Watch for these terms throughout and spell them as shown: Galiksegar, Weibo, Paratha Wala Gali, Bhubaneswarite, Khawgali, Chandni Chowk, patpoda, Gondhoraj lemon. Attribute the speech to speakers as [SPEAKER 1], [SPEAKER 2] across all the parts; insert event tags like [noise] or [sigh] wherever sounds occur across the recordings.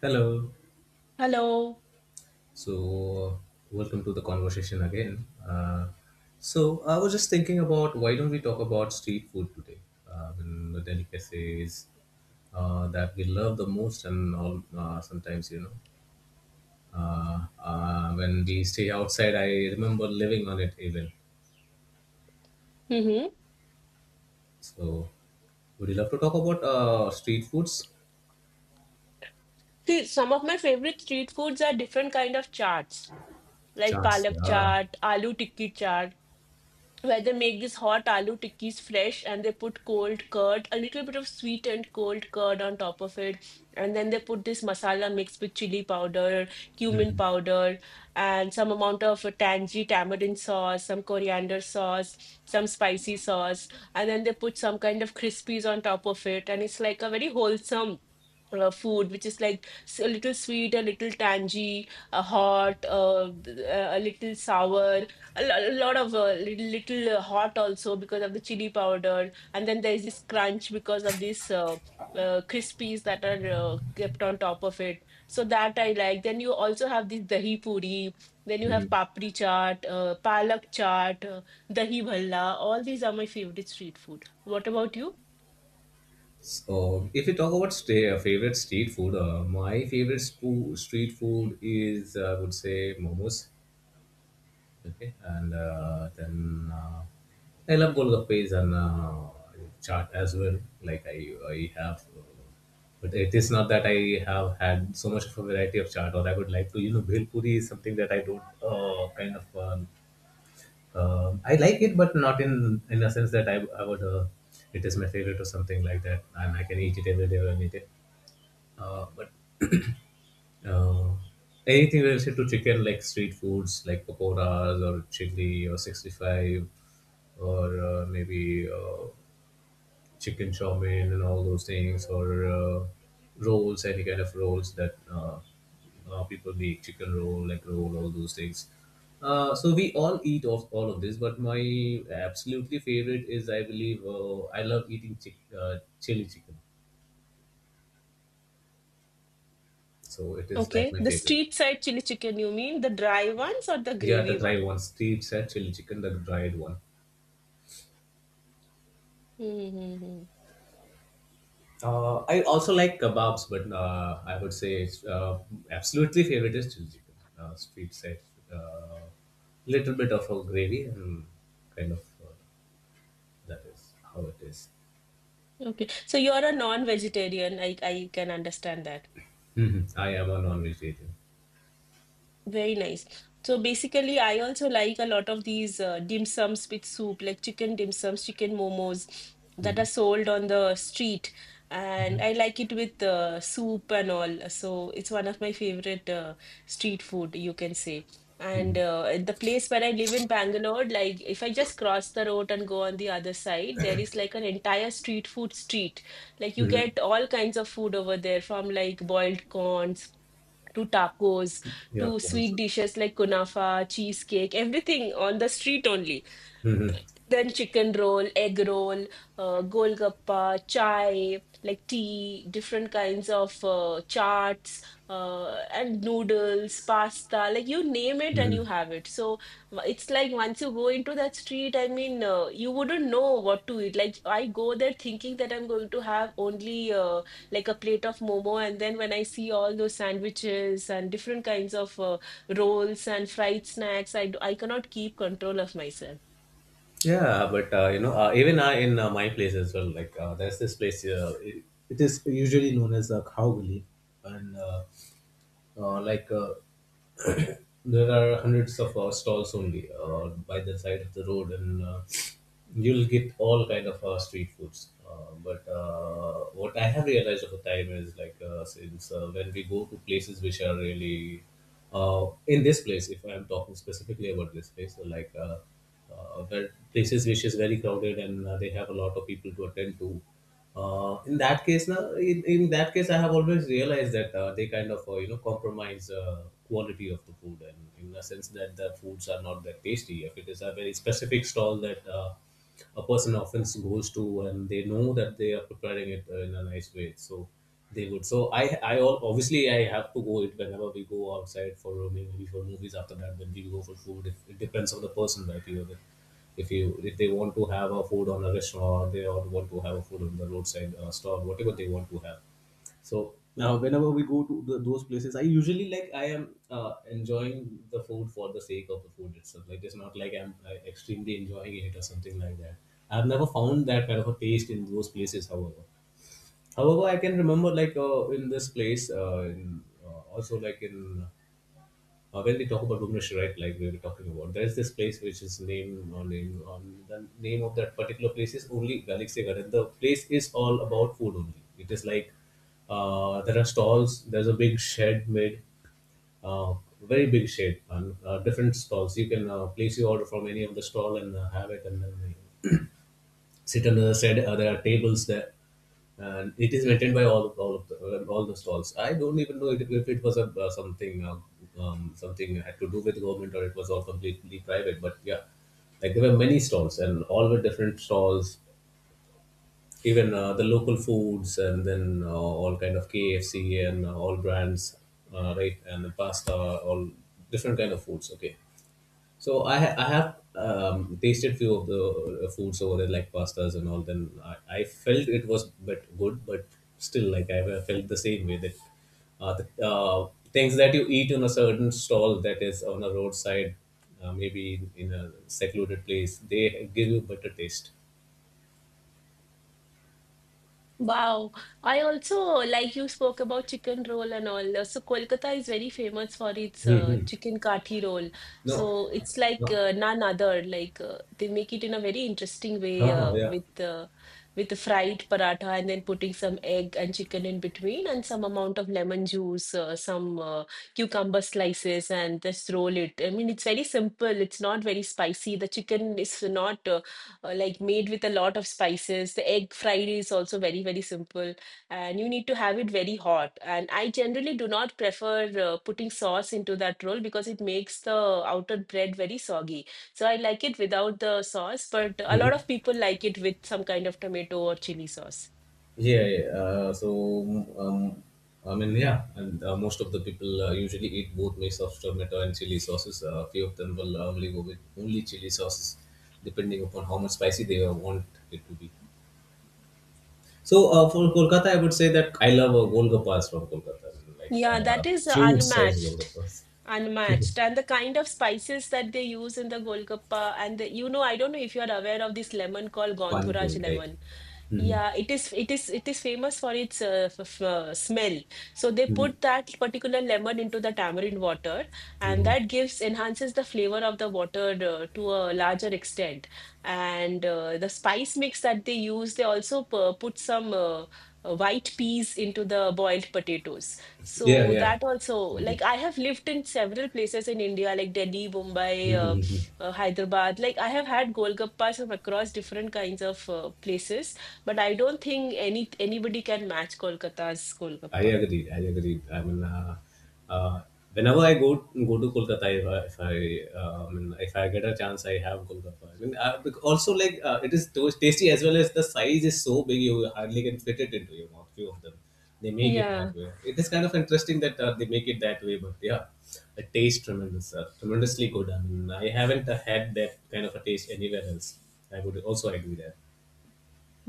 [SPEAKER 1] Hello.
[SPEAKER 2] Hello.
[SPEAKER 1] So, Welcome to the conversation again. I was just thinking about why don't we talk about street food today? And the delicacies that we love the most, and all, sometimes, when we stay outside, I remember living on it even.
[SPEAKER 2] Mm-hmm.
[SPEAKER 1] So, would you love to talk about street foods?
[SPEAKER 2] See, some of my favorite street foods are different kind of chaats, like
[SPEAKER 1] Chance,
[SPEAKER 2] palak
[SPEAKER 1] yeah.
[SPEAKER 2] chaat, aloo tikki chaat, where they make these hot aloo tikkis fresh and they put cold curd, a little bit of sweet and cold curd on top of it, and then they put this masala mixed with chili powder, cumin powder, and some amount of tangy tamarind sauce, some coriander sauce, some spicy sauce, and then they put some kind of crispies on top of it, and it's like a very wholesome food, which is like a little sweet, a little tangy, a hot, a little sour, a lot of little, little hot also because of the chili powder, and then there is this crunch because of this. Crispies that are kept on top of it, so that I like. Then you also have this dahi puri. Then you have
[SPEAKER 1] Mm-hmm.
[SPEAKER 2] papri chaat, palak chaat, dahi bhalla. All these are my favorite street food. What about you?
[SPEAKER 1] So, if you talk about stay, favorite street food, my favorite street food is, I would say, momos. Okay, and then I love golgappes and chaat as well. Like I have, but it is not that I have had so much of a variety of chaat, or I would like to, bhel puri is something that I don't kind of. I like it, but not in a sense that I would. It is my favorite or something like that, and I can eat it every day when I need it. But uh, anything related to chicken, like street foods, like pakoras or chili or 65, or maybe chicken chow mein and all those things, or rolls, any kind of rolls that people make, chicken roll, like roll, all those things. So we all eat of all of this, but my absolutely favorite is, I believe, I love eating chili chicken. So it is like
[SPEAKER 2] Okay,
[SPEAKER 1] my
[SPEAKER 2] the
[SPEAKER 1] favorite.
[SPEAKER 2] street side chili chicken, you mean the dry ones or the
[SPEAKER 1] Yeah, the
[SPEAKER 2] gravy
[SPEAKER 1] dry
[SPEAKER 2] one?
[SPEAKER 1] one. Street side chili chicken, the dried one.
[SPEAKER 2] Mm-hmm.
[SPEAKER 1] I also like kebabs, but I would say it's, absolutely favorite is chili chicken. Street side, uh, little bit of a gravy and kind of that is how it is.
[SPEAKER 2] Okay, so you're a non-vegetarian. I can understand that.
[SPEAKER 1] Mhm. I am a non-vegetarian.
[SPEAKER 2] Very nice. So basically, I also like a lot of these dim sums with soup, like chicken dim sums, chicken momos that are sold on the street. And I like it with soup and all. So it's one of my favorite street food, you can say. And at the place where I live in Bangalore, like if I just cross the road and go on the other side, there is like an entire street food street. Like you get all kinds of food over there, from like boiled corn to tacos
[SPEAKER 1] Yeah,
[SPEAKER 2] to
[SPEAKER 1] once.
[SPEAKER 2] sweet dishes like kunafa cheesecake, everything on the street only. Then chicken roll, egg roll, golgappa, chai, like tea, different kinds of charts, and noodles, pasta, like you name it and you have it. So it's like once you go into that street, I mean, you wouldn't know what to eat. Like I go there thinking that I'm going to have only like a plate of momo, and then when I see all those sandwiches and different kinds of rolls and fried snacks, I cannot keep control of myself.
[SPEAKER 1] Yeah, but even I in my place as well. Like there's this place. It is usually known as Khawgali, and Uh, like uh, [coughs] [clears throat] there are hundreds of stalls only by the side of the road, and you'll get all kind of street foods. But what I have realized over time is like since when we go to places which are really in this place, if I'm talking specifically about this place, so like where places which is very crowded and they have a lot of people to attend to in that case now in that case I have always realized that they kind of compromise quality of the food and in a sense that the foods are not that tasty if it is a very specific stall that a person often goes to and they know that they are preparing it in a nice way. So they would, obviously I have to go it whenever we go outside for maybe for movies, after that when we go for food, it depends on the person, right, if you if they want to have a food on a restaurant, they all want to have a food on the roadside stall, whatever they want to have. So now whenever we go to those places, I usually like I am enjoying the food for the sake of the food itself. Like it's not like I'm extremely enjoying it or something like that. I've never found that kind of a taste in those places. However, I can remember, like in this place, also like in when we talk about Bhubaneswarite, like we were talking about, there is this place which is named or name on the name of that particular place is only Galiksegar, and the place is all about food only. It is like there are stalls. There's a big shed made, uh, very big shed, and different stalls. You can place your order from any of the stall and have it, and then sit on the other side. There are tables there, and it is maintained by all of all the stalls. I don't even know it, if it was a something something had to do with government or it was all completely private. But yeah, like there were many stalls and all were different stalls. Even the local foods and then all kind of KFC and all brands, right? And the pasta, all different kind of foods. Okay, so I have tasted few of the foods over there like pastas and all. Then I felt it was but good, but still like I have felt the same way that the things that you eat in a certain stall that is on a roadside, maybe in a secluded place, they give you better taste.
[SPEAKER 2] Wow. I also like you spoke about chicken roll and all. So Kolkata is very famous for its
[SPEAKER 1] Hmm.
[SPEAKER 2] chicken kathi roll.
[SPEAKER 1] No,
[SPEAKER 2] So it's like
[SPEAKER 1] no. [laughs]
[SPEAKER 2] none other. Like they make it in a very interesting way
[SPEAKER 1] Uh-huh, yeah.
[SPEAKER 2] with the fried paratha and then putting some egg and chicken in between and some amount of lemon juice, some cucumber slices, and just roll it. I mean, it's very simple. It's not very spicy. The chicken is not. Like made with a lot of spices. The egg fried is also very, very simple, and you need to have it very hot. And I generally do not prefer putting sauce into that roll because it makes the outer bread very soggy. So I like it without the sauce, but a
[SPEAKER 1] Hmm.
[SPEAKER 2] lot of people like it with some kind of tomato or chili sauce.
[SPEAKER 1] Yeah, yeah. I mean, yeah, and most of the people usually eat both mix of tomato and chili sauces. A few of them will only go with only chili sauces, depending upon how much spicy they want it to be. So, for Kolkata, I would say that I love golgappas from Kolkata, like
[SPEAKER 2] Yeah, that is
[SPEAKER 1] huge size
[SPEAKER 2] unmatched.
[SPEAKER 1] golgappas,
[SPEAKER 2] Unmatched, and the kind of spices that they use in the Golgappa, and the, you know, I don't know if you are aware of this lemon called
[SPEAKER 1] pani puri,
[SPEAKER 2] Gondhoraj
[SPEAKER 1] right?
[SPEAKER 2] lemon.
[SPEAKER 1] Mm-hmm.
[SPEAKER 2] Yeah, it is famous for its smell. So they
[SPEAKER 1] Mm-hmm.
[SPEAKER 2] put that particular lemon into the tamarind water, and
[SPEAKER 1] Mm-hmm.
[SPEAKER 2] that gives enhances the flavor of the water to a larger extent. And the spice mix that they use, they also put some white peas into the boiled potatoes.
[SPEAKER 1] Yeah,
[SPEAKER 2] So
[SPEAKER 1] yeah,
[SPEAKER 2] that also,
[SPEAKER 1] I do.
[SPEAKER 2] like I have lived in several places in India, like Delhi, Mumbai, Hyderabad. Like I have had golgappas from across different kinds of places. But I don't think anybody can match Kolkata's
[SPEAKER 1] I
[SPEAKER 2] Golgappa.
[SPEAKER 1] agree. I agree. I mean, uh, whenever I go to Kolkata, if I, I mean, if I get a chance, I have Kolkata. I mean, also like it is tasty as well as the size is so big you hardly can fit it into your mouth. Few of them, they make it
[SPEAKER 2] Yeah.
[SPEAKER 1] that way. It is kind of interesting that they make it that way, but yeah, it tastes tremendously good. I mean, I haven't had that kind of a taste anywhere else. I would also agree that.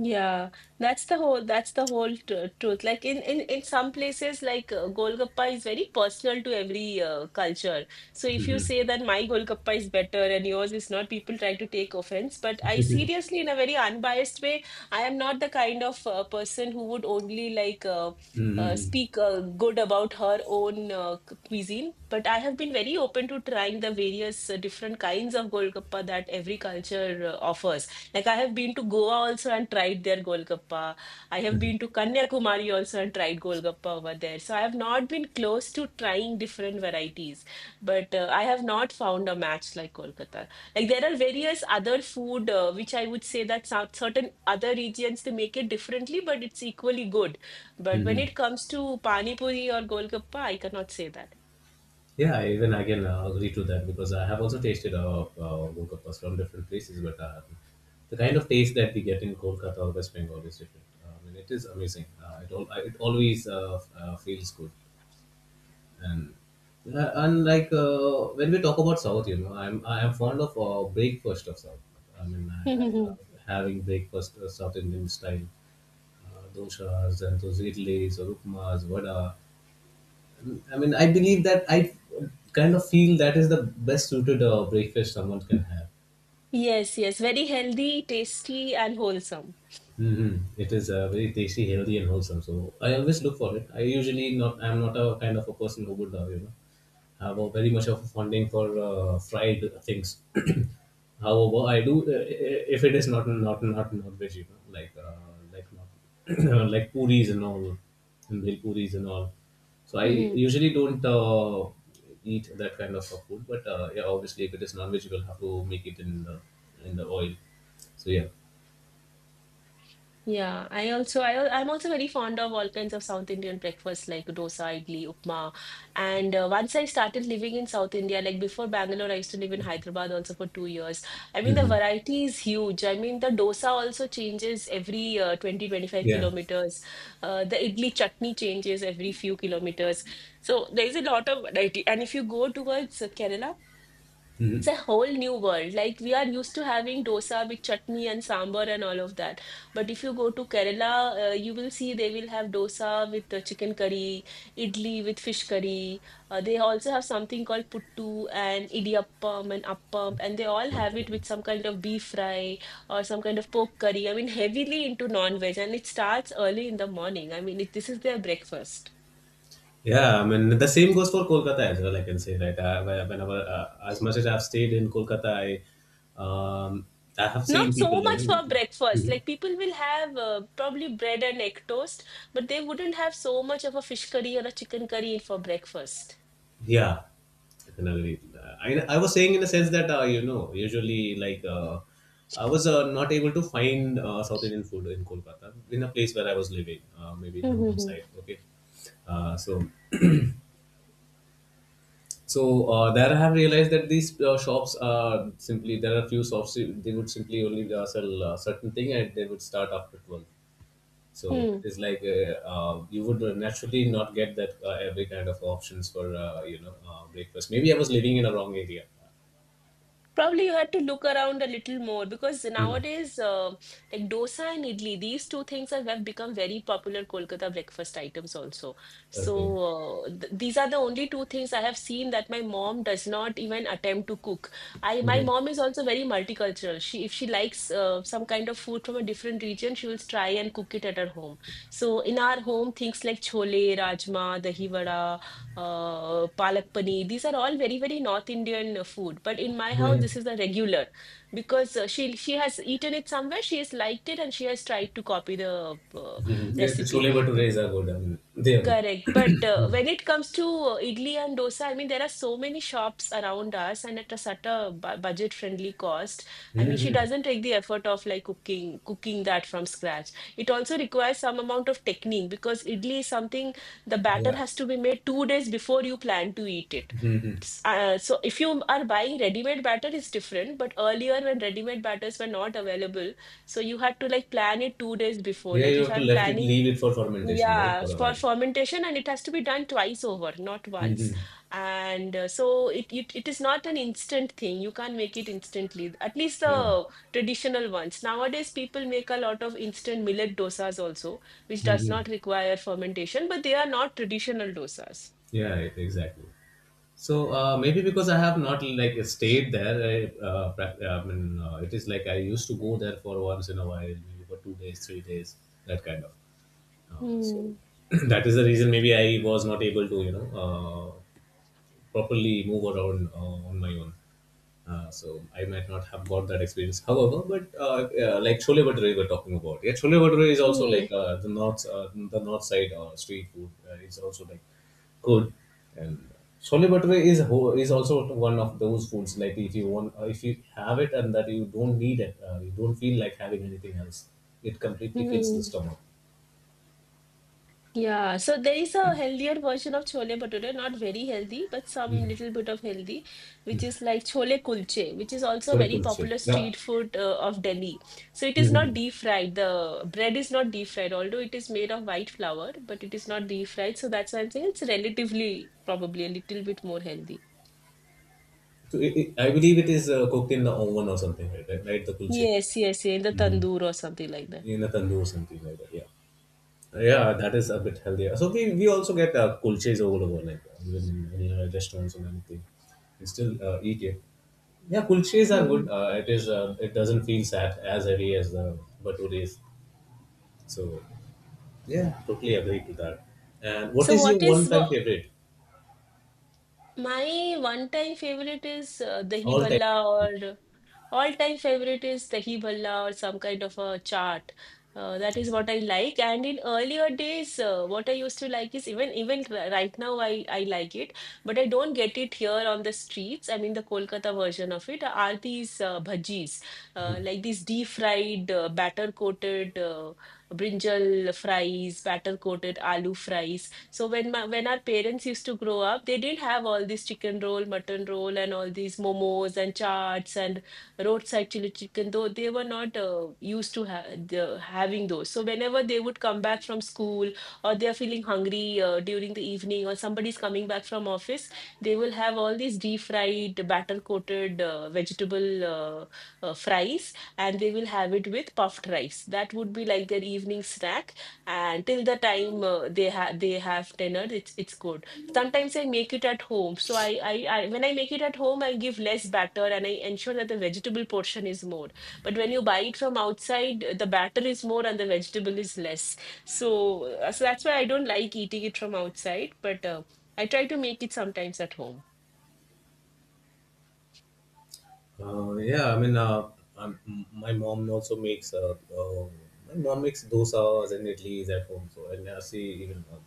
[SPEAKER 2] Yeah, that's the whole truth. Like in some places, like Golgappa is very personal to every culture. So if you say that my Golgappa is better and yours is not, people try to take offense. But I
[SPEAKER 1] [laughs]
[SPEAKER 2] seriously, in a very unbiased way, I am not the kind of person who would only like speak good about her own cuisine. But I have been very open to trying the various different kinds of Golgappa that every culture offers. Like I have been to Goa also and tried their Golgappa. I have
[SPEAKER 1] Mm-hmm.
[SPEAKER 2] been to Kanyakumari also and tried Golgappa over there. So I have not been close to trying different varieties, but I have not found a match like Kolkata. Like there are various other food which I would say that certain other regions they make it differently, but it's equally good. But when it comes to Pani Puri or Golgappa, I cannot say that.
[SPEAKER 1] Yeah, even I can agree to that because I have also tasted golgappas from different places, but the kind of taste that we get in Kolkata or West Bengal is different. I mean, it is amazing. It always feels good, and like when we talk about South, I am fond of breakfast of South. I mean, I love
[SPEAKER 2] [laughs]
[SPEAKER 1] having breakfast South Indian style, doshas and those idlis or upmas, vada. I mean, I believe that I kind of feel that is the best suited breakfast someone can have.
[SPEAKER 2] Yes, yes, very healthy, tasty, and wholesome.
[SPEAKER 1] Hmm. It is very tasty, healthy, and wholesome. So I always look for it. I usually not. I'm not a kind of a person who would, have a very much of a fonding for fried things. [clears throat] However, I do if it is not veg, like not [clears throat] like puris and all, and bhel puris and all. So I
[SPEAKER 2] [laughs]
[SPEAKER 1] usually don't eat that kind of a food. But yeah, obviously, if it is non-veg, you will have to make it in the oil. So yeah.
[SPEAKER 2] Yeah, I'm also very fond of all kinds of South Indian breakfast like dosa, idli, upma. And once I started living in South India, like before Bangalore, I used to live in Hyderabad also for 2 years. I mean, the
[SPEAKER 1] Hmm.
[SPEAKER 2] variety is huge. I mean, the dosa also changes every 20, twenty-five
[SPEAKER 1] Yeah.
[SPEAKER 2] kilometers. The idli chutney changes every few kilometers. So there is a lot of variety. And if you go towards Kerala, it's
[SPEAKER 1] Mhm.
[SPEAKER 2] a whole new world. Like we are used to having dosa with chutney and sambar and all of that. But if you go to Kerala, you will see they will have dosa with chicken curry, idli with fish curry. They also have something called puttu and idiyappam and appam, and they all have it with some kind of beef fry or some kind of pork curry. I mean, heavily into non-veg, and it starts early in the morning. I mean, this is their breakfast.
[SPEAKER 1] Yeah, I mean the same goes for Kolkata as well, I can say, right. Whenever as much as I've stayed in Kolkata, um, I have seen
[SPEAKER 2] Not
[SPEAKER 1] people.
[SPEAKER 2] so much for breakfast.
[SPEAKER 1] Mm.
[SPEAKER 2] Like people will have probably bread and egg toast, but they wouldn't have so much of a fish curry or a chicken curry for breakfast.
[SPEAKER 1] Yeah, definitely. I was saying in the sense that usually like I was not able to find South Indian food in Kolkata in a place where I was living, maybe in Dumdum side. Okay, uh, so there I have realized that these shops are simply there are few shops they would simply only sell certain thing and they would start after 12. So it is
[SPEAKER 2] [laughs]
[SPEAKER 1] like you would naturally not get that every kind of options for breakfast. Maybe I was living in a wrong area.
[SPEAKER 2] Probably you had to look around a little more because
[SPEAKER 1] Hmm.
[SPEAKER 2] nowadays, like dosa and idli, these two things have become very popular Kolkata breakfast items also. So,
[SPEAKER 1] Okay.
[SPEAKER 2] th these are the only two things I have seen that my mom does not even attempt to cook. I, my mom is also very multicultural. She, if she likes some kind of food from a different region, she will try and cook it at her home. So, in our home, things like chole, rajma, dahi vada, palak paneer. These are all very, very North Indian food. But in my house,
[SPEAKER 1] Mm-hmm.
[SPEAKER 2] this is a regular because she has eaten it somewhere, she has liked it, and she has tried to copy the
[SPEAKER 1] Yeah, the
[SPEAKER 2] recipe.
[SPEAKER 1] chole bhatures are good. I mean, they are good.
[SPEAKER 2] Correct. But when it comes to idli and dosa, I mean, there are so many shops around us and at a such a bu budget-friendly cost. I mean, she
[SPEAKER 1] Mm-hmm.
[SPEAKER 2] doesn't take the effort of like cooking that from scratch. It also requires some amount of technique because idli is something the batter
[SPEAKER 1] Yeah.
[SPEAKER 2] has to be made 2 days before you plan to eat it.
[SPEAKER 1] Hmm.
[SPEAKER 2] So if you are buying ready-made batter, it's different. But earlier, when ready-made batters were not available, so you had to like plan it 2 days before.
[SPEAKER 1] Yeah, you
[SPEAKER 2] Like
[SPEAKER 1] have
[SPEAKER 2] if
[SPEAKER 1] to
[SPEAKER 2] I'm planning
[SPEAKER 1] leave it for fermentation, right,
[SPEAKER 2] yeah,
[SPEAKER 1] for a
[SPEAKER 2] for
[SPEAKER 1] while.
[SPEAKER 2] fermentation, and it has to be done twice over, not once.
[SPEAKER 1] Mm-hmm.
[SPEAKER 2] And so it is not an instant thing. You can't make it instantly, at least
[SPEAKER 1] Yeah.
[SPEAKER 2] the traditional ones. Nowadays, people make a lot of instant millet dosas also, which does
[SPEAKER 1] Mm-hmm.
[SPEAKER 2] not require fermentation, but they are not traditional dosas.
[SPEAKER 1] Yeah, exactly. So maybe because I have not like stayed there, I mean, it is like I used to go there for once in a while, maybe for 2 days, 3 days, that kind of. So
[SPEAKER 2] Hmm.
[SPEAKER 1] [clears throat] that is the reason maybe I was not able to, properly move around on my own. So I might not have got that experience. However, but like Chole Bhature we're talking about. Yeah, Chole Bhature is also like
[SPEAKER 2] Hmm.
[SPEAKER 1] the north side street food is also like good. And Chole Bhature is is also one of those foods like if you want if you have it and that you don't need it, you don't feel like having anything else. It completely fills the
[SPEAKER 2] Hmm.
[SPEAKER 1] stomach.
[SPEAKER 2] Yeah, so there is a healthier version of chole bhature, not very healthy, but some little bit of healthy, which is like chole kulche, which is also a
[SPEAKER 1] What a
[SPEAKER 2] very
[SPEAKER 1] culture.
[SPEAKER 2] popular
[SPEAKER 1] Yeah.
[SPEAKER 2] street food of Delhi. So it is not
[SPEAKER 1] Mhm.
[SPEAKER 2] deep fried. The bread is not deep fried, although it is made of white flour, but it is not deep fried. So that's why I'm saying it's relatively probably a little bit more healthy.
[SPEAKER 1] So it, I believe it is cooked in the oven or something like that, right? The kulche.
[SPEAKER 2] Yes, yes, yeah, in the
[SPEAKER 1] Mm-hmm.
[SPEAKER 2] tandoor or something like that.
[SPEAKER 1] In a tandoor or something like that. Yeah. Yeah, that is a bit healthier. So we also get kulches all over, like even in any restaurants or anything. We still eat it. Yeah, kulches are good.
[SPEAKER 2] Hmm.
[SPEAKER 1] It is. It doesn't feel sad as heavy as the bhatures. So yeah, totally agree to that. And what
[SPEAKER 2] So
[SPEAKER 1] is your
[SPEAKER 2] what is
[SPEAKER 1] one-time
[SPEAKER 2] what
[SPEAKER 1] favorite?
[SPEAKER 2] my one time favorite is dahi
[SPEAKER 1] All time.
[SPEAKER 2] bhalla or. All-time favorite is Tehi Bhalla or some kind of a chaat. That is what I like. And in earlier days, what I used to like is even right now I like it, but I don't get it here on the streets. I mean the Kolkata version of it are these bhajis, like these deep-fried, batter-coated brinjal fries, batter-coated aloo fries. So when my when our parents used to grow up, they didn't have all this chicken roll, mutton roll, and all these momos and chaats and roadside chili chicken, though they were not used to having those. So whenever they would come back from school or they are feeling hungry during the evening or somebody's coming back from office, they will have all these deep fried, batter coated vegetable fries, and they will have it with puffed rice. That would be like their evening snack. And till the time they have dinner, it's good. Sometimes I make it at home. So I when I make it at home, I give less batter and I ensure that the vegetable portion is more. But when you buy it from outside, the batter is more and the vegetable is less. So so that's why I don't like eating it from outside. But I try to make it sometimes at home.
[SPEAKER 1] Uh, yeah, I mean, uh, my mom also makes my mom makes dosas and idlis at home. So and I see even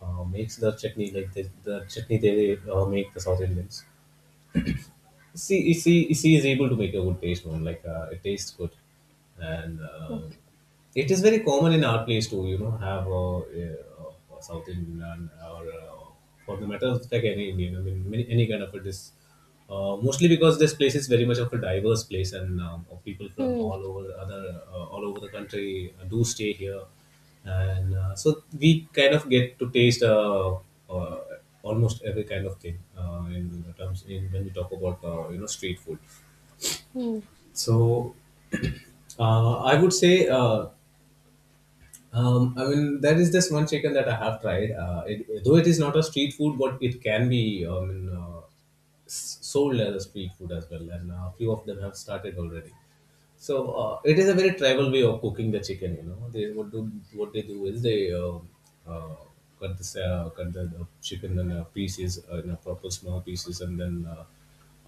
[SPEAKER 1] makes the chutney like the chutney they make the South Indians. See is able to make a good taste one. Like it tastes good, and
[SPEAKER 2] Okay.
[SPEAKER 1] it is very common in our place to, you know, have a South Indian or for the matter of like any Indian. I mean, any kind of a dish. Mostly because this place is very much of a diverse place, and people from
[SPEAKER 2] Hmm,
[SPEAKER 1] all over other all over the country do stay here, and so we kind of get to taste uh, almost every kind of thing in the terms in when we talk about, you know, street food.
[SPEAKER 2] hmm,
[SPEAKER 1] So [clears throat] I would say. I mean, there is this one chicken that I have tried. It, though it is not a street food, but it can be. I mean, sold as a street food as well. And a few of them have started already. So it is a very tribal way of cooking the chicken. You know, they what do what they do is they uh, cut the chicken in pieces, in a proper small pieces, and then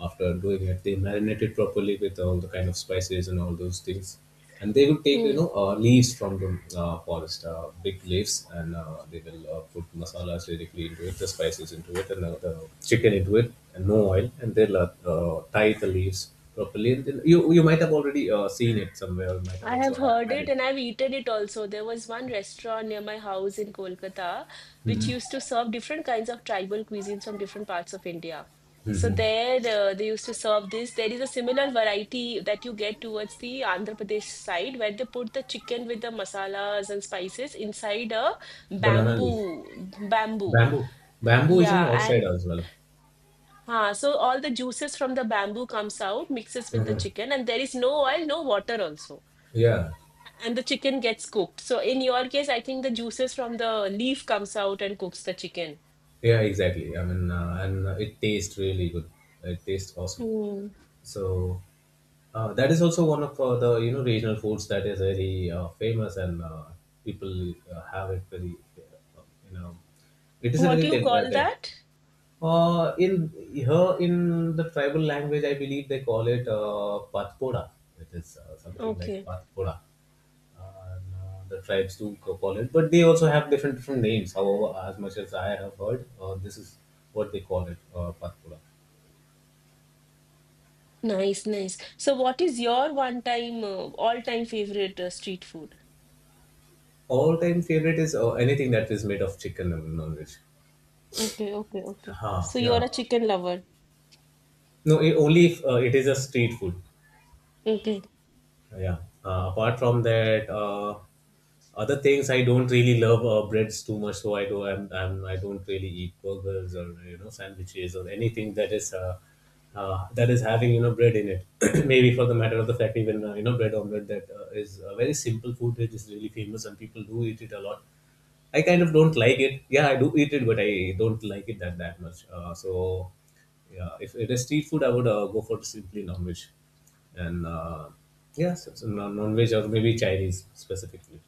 [SPEAKER 1] after doing it, they marinate it properly with all the kind of spices and all those things, and they will take, you
[SPEAKER 2] hmm.
[SPEAKER 1] know, leaves from the forest, big leaves, and they will put masalas directly into it, the spices into it, and the chicken into it, and no oil, and they'll tie the leaves properly. And then you might have already seen it somewhere, you might have
[SPEAKER 2] I
[SPEAKER 1] also
[SPEAKER 2] have heard
[SPEAKER 1] had
[SPEAKER 2] it
[SPEAKER 1] it.
[SPEAKER 2] and I've eaten it also. There was one restaurant near my house in Kolkata which
[SPEAKER 1] Hmm.
[SPEAKER 2] used to serve different kinds of tribal cuisines from different parts of India. So
[SPEAKER 1] Hmm.
[SPEAKER 2] there they used to serve this. There is a similar variety that you get towards the Andhra Pradesh side where they put the chicken with the masalas and spices inside a
[SPEAKER 1] Banana leaf,
[SPEAKER 2] bamboo.
[SPEAKER 1] bamboo, bamboo is an
[SPEAKER 2] Yeah,
[SPEAKER 1] outside
[SPEAKER 2] and
[SPEAKER 1] as well.
[SPEAKER 2] huh, so all the juices from the bamboo comes out, mixes with the chicken, and there is no oil, no water also,
[SPEAKER 1] Yeah,
[SPEAKER 2] and the chicken gets cooked. So in your case, I think the juices from the leaf comes out and cooks the chicken.
[SPEAKER 1] yeah, exactly. I mean, and it tastes really good. It tastes awesome.
[SPEAKER 2] Hmm.
[SPEAKER 1] So that is also one of the, you know, regional foods that is very famous and people have it very uh, you know, it is a
[SPEAKER 2] What do
[SPEAKER 1] very
[SPEAKER 2] you call that?
[SPEAKER 1] in here in the tribal language I believe they call it patpoda. It is something like
[SPEAKER 2] Okay.
[SPEAKER 1] patpoda. Uh, the tribes do call it, but they also have different different names. However, as much as I have heard, this is what they call it, patpoda.
[SPEAKER 2] Nice, nice. So what is your one time, all time favorite street food?
[SPEAKER 1] All time favorite is anything that is made of chicken and non-veg.
[SPEAKER 2] Okay, okay, okay.
[SPEAKER 1] Huh.
[SPEAKER 2] So you're
[SPEAKER 1] Yeah.
[SPEAKER 2] a chicken lover.
[SPEAKER 1] No, I only if it is a street food.
[SPEAKER 2] Okay.
[SPEAKER 1] Yeah. Apart from that, other things I don't really love breads too much, so I do. I don't really eat burgers or, you know, sandwiches or anything that is having, you know, bread in it. [coughs] [clears throat] Maybe for the matter of the fact, even, you know, bread omelette that is a very simple food that is really famous and people do eat it a lot. I kind of don't like it. Yeah, I do eat it, but I don't like it that much. Yeah, if it is street food, I would go for simply non-veg, and yeah, non-veg or maybe Chinese specifically.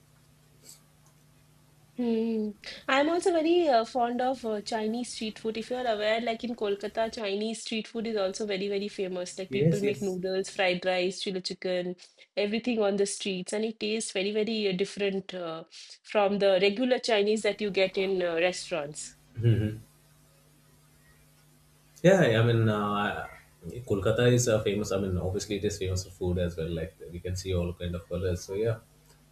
[SPEAKER 2] Hmm. I'm also very fond of Chinese street food. If you're aware, like in Kolkata, Chinese street food is also very, very famous. Like people
[SPEAKER 1] Yes,
[SPEAKER 2] make
[SPEAKER 1] yes.
[SPEAKER 2] noodles, fried rice, chili chicken, everything on the streets, and it tastes very, very different from the regular Chinese that you get in restaurants.
[SPEAKER 1] [laughs] Yeah, I mean, Kolkata is famous. I mean, obviously it is famous for food as well. Like we can see all kind of colors. So yeah,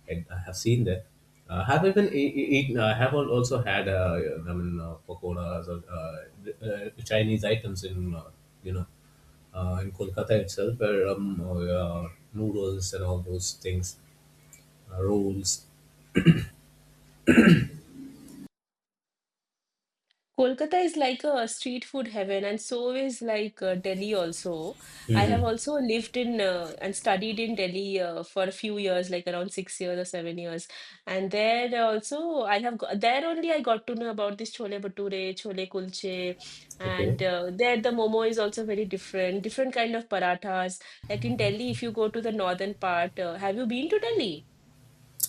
[SPEAKER 1] I have seen that. Have even eaten. I have also had. I mean, pakoras or Chinese items in, you know, in Kolkata itself, where noodles and all those things, rolls.
[SPEAKER 2] Kolkata is like a street food heaven, and so is like Delhi also. I have
[SPEAKER 1] Hmm.
[SPEAKER 2] also lived in and studied in Delhi for a few years, like around 6 years or 7 years. And there also, there only I got to know about this chole bhature, chole kulche,
[SPEAKER 1] Okay.
[SPEAKER 2] and there the momo is also very different, different kind of parathas. Like in Delhi, if you go to the northern part, have you been to Delhi?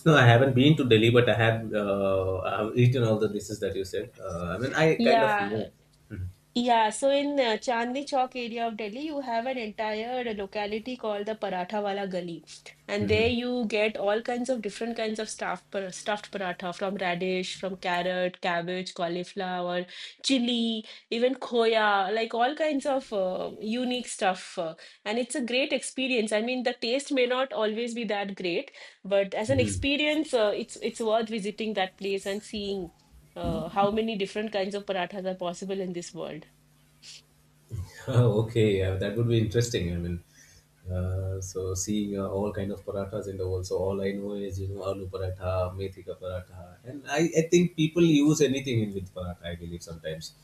[SPEAKER 1] No, I haven't been to Delhi, but I have eaten all the dishes that you said. I mean, I kind of
[SPEAKER 2] Yeah.
[SPEAKER 1] know. Mhm.
[SPEAKER 2] Yeah, so in Chandni Chowk area of Delhi, you have an entire locality called the Paratha Wala Gali, and there
[SPEAKER 1] Mhm.
[SPEAKER 2] you get all kinds of different kinds of stuffed paratha from radish, from carrot, cabbage, cauliflower, chili, even khoya, like all kinds of unique stuff. And it's a great experience. I mean, the taste may not always be that great, but as an
[SPEAKER 1] Mhm.
[SPEAKER 2] experience, it's worth visiting that place and seeing how many different kinds of parathas are possible in this world.
[SPEAKER 1] [laughs] Okay, yeah, that would be interesting. I mean, so seeing all kind of parathas in the world. So all I know is, you know, aloo paratha, methi ka paratha, and I think people use anything in with paratha. I believe sometimes.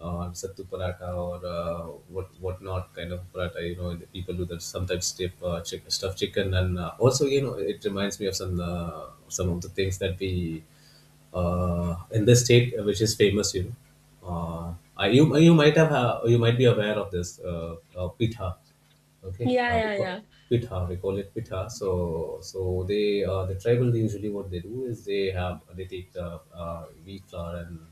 [SPEAKER 1] Or sattu paratha or what not kind of paratha, you know, the people do that sometimes stuff stuffed chicken. And also, you know, it reminds me of some of the things that we in the state which is famous, you know. You, you might have you might be aware of this pitha. Okay,
[SPEAKER 2] Yeah,
[SPEAKER 1] we
[SPEAKER 2] yeah,
[SPEAKER 1] call
[SPEAKER 2] yeah.
[SPEAKER 1] pitha. We call it pitha. So so they the tribal they usually what they do is they take the wheat flour and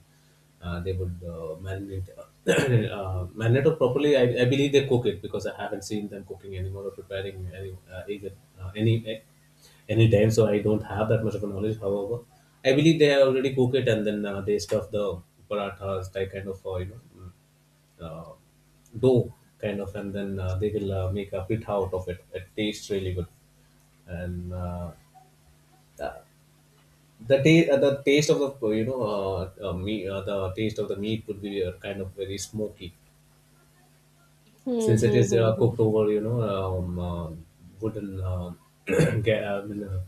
[SPEAKER 1] they would marinate [clears throat] [coughs] marinate it properly. I believe they cook it because I haven't seen them cooking anymore or preparing any either uh, any eh, any time. So I don't have that much of a knowledge. However, I believe they already cook it and then they stuff the parathas, like kind of, you know, uh, dough kind of, and then they will make a pita out of it. It tastes really good, and uh, the taste of the, you know, meat the taste of the meat would be kind of very smoky
[SPEAKER 2] Hmm,
[SPEAKER 1] since it
[SPEAKER 2] hmm,
[SPEAKER 1] is
[SPEAKER 2] hmm, hmm.
[SPEAKER 1] cooked over, you know, wooden [clears throat] I mean, uh,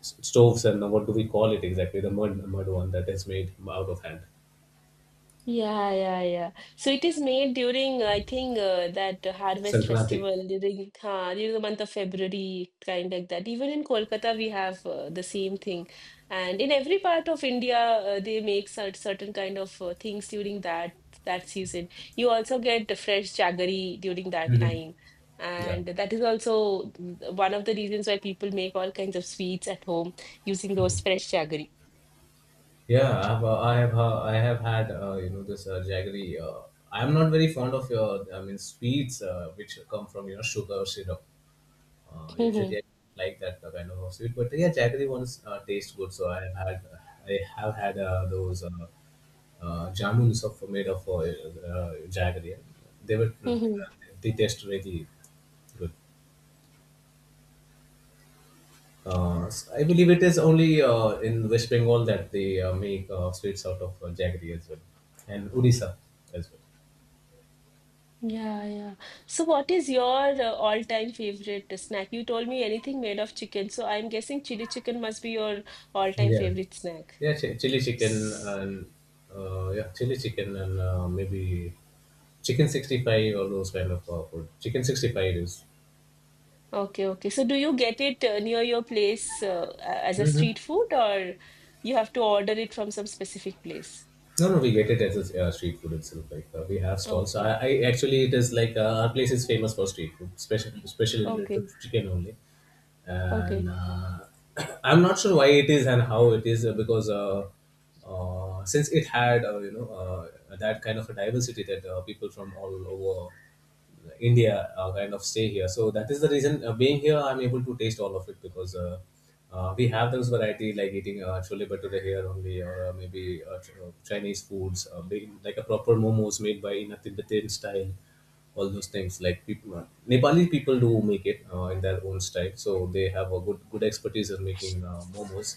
[SPEAKER 1] s- stoves. And what do we call it exactly, the mud one that is made out of hand.
[SPEAKER 2] Yeah, yeah, yeah. So it is made during, I think, that harvest
[SPEAKER 1] Sankranti.
[SPEAKER 2] festival during, huh, during the month of February, kind like that. Even in Kolkata, we have the same thing. And in every part of India, they make certain kind of things during that season. You also get the fresh jaggery during that
[SPEAKER 1] Hmm.
[SPEAKER 2] time.
[SPEAKER 1] Yeah,
[SPEAKER 2] And that is also mm, one of the reasons why people make all kinds of sweets at home using those fresh jaggery.
[SPEAKER 1] yeah, I have I have had, you know, this jaggery I'm not very fond of your, I mean, sweets which come from, you know, sugar syrup. Usually, I like that kind of a sweet, but yeah, jaggery ones taste good. So I have had those jamuns of made of jaggery. They were
[SPEAKER 2] [laughs]
[SPEAKER 1] they taste really good. I believe it is only in West Bengal that they make sweets out of jaggery as well, and Odisha as well.
[SPEAKER 2] Yeah, yeah. So, what is your all-time favorite snack? You told me anything made of chicken, so I'm guessing chili chicken must be your all-time
[SPEAKER 1] Yeah.
[SPEAKER 2] favorite snack.
[SPEAKER 1] Yeah, chili chicken
[SPEAKER 2] S-
[SPEAKER 1] and, yeah, chili chicken and, maybe chicken 65 or those kind of, food. Chicken 65 is
[SPEAKER 2] okay, okay. So, do you get it near your place as a
[SPEAKER 1] mhm.
[SPEAKER 2] street food, or you have to order it from some specific place?
[SPEAKER 1] No, no, we get it as a, street food itself. Like, we have stalls.
[SPEAKER 2] Okay,
[SPEAKER 1] I actually, it is like, our place is famous for street food, especially related
[SPEAKER 2] okay,
[SPEAKER 1] to chicken only. And,
[SPEAKER 2] okay.
[SPEAKER 1] [clears throat] I'm not sure why it is and how it is because, since it had, you know, that kind of a diversity that people from all over India kind of stay here. So that is the reason being here, I'm able to taste all of it because we have those variety like eating chole bhature here only, or maybe Chinese foods, big, like a proper momos made by in a Tibetan style. All those things like Nepali people do make it in their own style, so they have a good expertise in making momos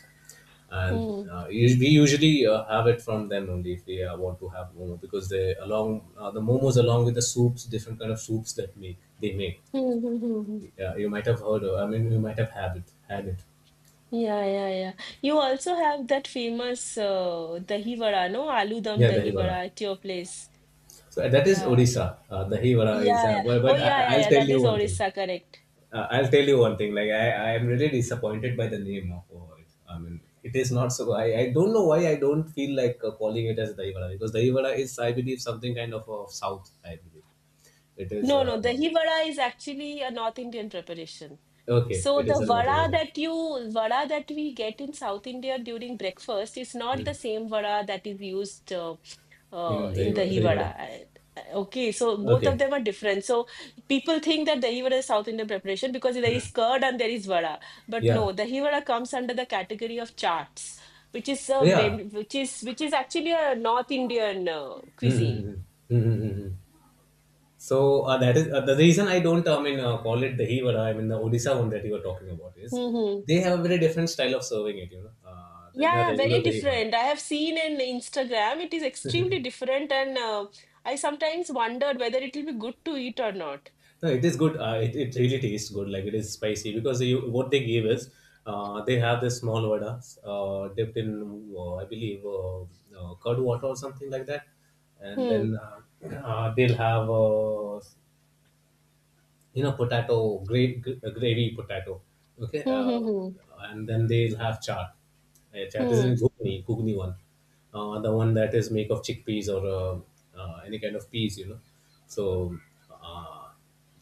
[SPEAKER 1] and
[SPEAKER 2] Hmm. [laughs]
[SPEAKER 1] we usually have it from them only if they want to have momo because the momos along with the soups, different kind of soups that make they make.
[SPEAKER 2] Hmm, hmm, hmm, hmm.
[SPEAKER 1] Yeah, you might have heard of, I mean you might have had it.
[SPEAKER 2] Yeah, yeah, yeah. You also have that famous dahi vada, no? Aloo dum
[SPEAKER 1] Yeah, dahi
[SPEAKER 2] dahi
[SPEAKER 1] vada.
[SPEAKER 2] vada at your place.
[SPEAKER 1] So that is
[SPEAKER 2] Yeah.
[SPEAKER 1] Odisha. Dahi vada is
[SPEAKER 2] Yeah, yeah. Oh,
[SPEAKER 1] but
[SPEAKER 2] yeah, yeah,
[SPEAKER 1] I'll
[SPEAKER 2] yeah.
[SPEAKER 1] tell
[SPEAKER 2] That
[SPEAKER 1] you
[SPEAKER 2] is
[SPEAKER 1] one thing.
[SPEAKER 2] Orissa, correct.
[SPEAKER 1] I'll tell you one thing, like I am really disappointed by the name of it, I mean it is not so I don't know why I don't feel like calling it as dahi vada, because dahi vada is I believe something kind of south I believe. It is
[SPEAKER 2] No, no. The dahi vada is actually a North Indian preparation.
[SPEAKER 1] okay.
[SPEAKER 2] So
[SPEAKER 1] It is
[SPEAKER 2] the
[SPEAKER 1] not
[SPEAKER 2] vada
[SPEAKER 1] in
[SPEAKER 2] that you vada that we get in South India during breakfast is not the
[SPEAKER 1] mm,
[SPEAKER 2] same vada that is used
[SPEAKER 1] in
[SPEAKER 2] in dahi
[SPEAKER 1] Devada.
[SPEAKER 2] vada. I- okay, so both of
[SPEAKER 1] Okay.
[SPEAKER 2] them are different. So people think that dahi vada is South Indian preparation because there
[SPEAKER 1] Uh,
[SPEAKER 2] is curd and there is vada, but no,
[SPEAKER 1] yeah.
[SPEAKER 2] dahi vada comes under the category of chaats, which is
[SPEAKER 1] Yeah.
[SPEAKER 2] which is actually a North Indian cuisine.
[SPEAKER 1] Mm-hmm. Mm-hmm. So that is the reason I don't, I mean, call it dahi vada. I mean, the Odisha one that you were talking about is
[SPEAKER 2] Mm-hmm.
[SPEAKER 1] they have a very different style of serving it. You know, than a
[SPEAKER 2] Yeah, yeah,
[SPEAKER 1] regular
[SPEAKER 2] very
[SPEAKER 1] dahi vada.
[SPEAKER 2] different. I have seen in Instagram, it is extremely different, and I sometimes wondered whether it will be good to eat or not.
[SPEAKER 1] No, it is good. It really tastes good. Like it is spicy because you, what they give is they have this small vada dipped in, I believe, curd water or something like that. And
[SPEAKER 2] Hmm.
[SPEAKER 1] then they'll have you know potato great gravy potato, okay.
[SPEAKER 2] Hmm.
[SPEAKER 1] And then they'll have chaat.
[SPEAKER 2] Hmm.
[SPEAKER 1] Chaat is in
[SPEAKER 2] Hmm.
[SPEAKER 1] ghugni one, the one that is make of chickpeas or any kind of peas, you know. So uh,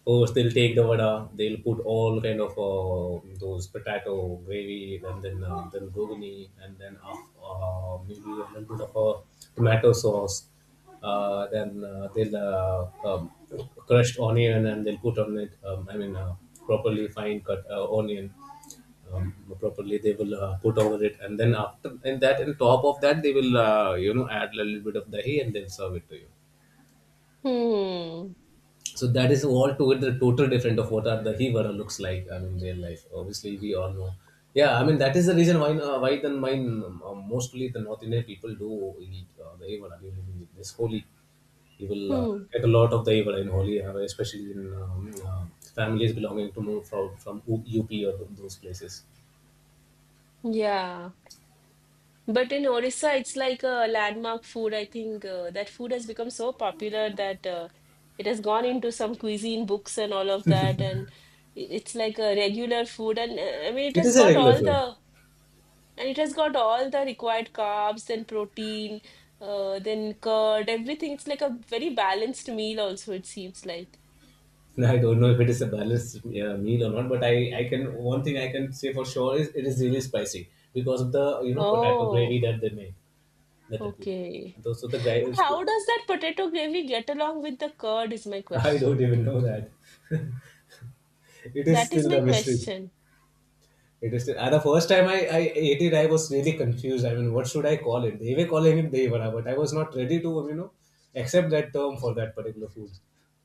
[SPEAKER 1] first they'll take the vada, they'll put all kind of those potato gravy, and then ghugni, and then maybe a little bit of tomato sauce, then they'll crushed onion, and they'll put on it, I mean properly fine cut onion, um, properly they will put over it, and then after and that on top of that they will you know add a little bit of dahi, and they'll serve it to you.
[SPEAKER 2] Hmm.
[SPEAKER 1] So that is all to it. The total different of what are the hivara looks like, I mean real life obviously we all know. Yeah, I mean that is the reason why then mine mostly the North Indian people do eat the hivara during this Holy. You will
[SPEAKER 2] Hmm.
[SPEAKER 1] get a lot of the hivara in Holy, especially in uh, families belonging to more up or those places.
[SPEAKER 2] Yeah. But in Orissa, it's like a landmark food. I think that food has become so popular that it has gone into some cuisine books and all of that, and it's like a regular food. And I mean, it
[SPEAKER 1] It
[SPEAKER 2] has
[SPEAKER 1] is a
[SPEAKER 2] got
[SPEAKER 1] regular
[SPEAKER 2] all
[SPEAKER 1] food.
[SPEAKER 2] the— and it has got all the required carbs and protein, then curd, everything. It's like a very balanced meal also, it seems like.
[SPEAKER 1] [laughs] I don't know if it is a balanced meal or not, but I can, one thing I can say for sure is it is really spicy because of the you know potato gravy
[SPEAKER 2] Oh,
[SPEAKER 1] that they make, that they put.
[SPEAKER 2] okay.
[SPEAKER 1] And also the gravy [laughs]
[SPEAKER 2] But
[SPEAKER 1] is,
[SPEAKER 2] how does that potato gravy get along with the curd is my
[SPEAKER 1] I don't
[SPEAKER 2] question.
[SPEAKER 1] even know that. [laughs] It is
[SPEAKER 2] That is
[SPEAKER 1] still the
[SPEAKER 2] my
[SPEAKER 1] mystery.
[SPEAKER 2] question.
[SPEAKER 1] It is still, and the first time I ate it, I was really confused. I mean, what should I call it? They were calling it devara, but I was not ready to you know accept that term for that particular food.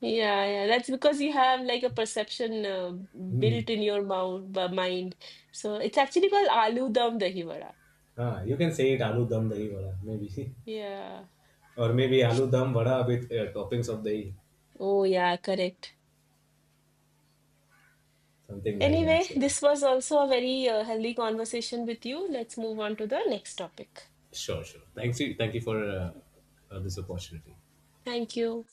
[SPEAKER 2] Yeah, yeah, that's because you have like a perception
[SPEAKER 1] Hmm.
[SPEAKER 2] built in your mind. So it's actually called aloo dum dahi vada.
[SPEAKER 1] Ah, you can say it aloo dum dahi vada maybe. [laughs]
[SPEAKER 2] Yeah.
[SPEAKER 1] Or maybe aloo dum vada with toppings of dahi,
[SPEAKER 2] Oh, yeah, correct.
[SPEAKER 1] something like that.
[SPEAKER 2] Anyway,
[SPEAKER 1] So, yeah.
[SPEAKER 2] this was also a very healthy conversation with you. Let's move on to the next topic.
[SPEAKER 1] Sure, sure. Thanks you. Thank you for this opportunity.
[SPEAKER 2] Thank you.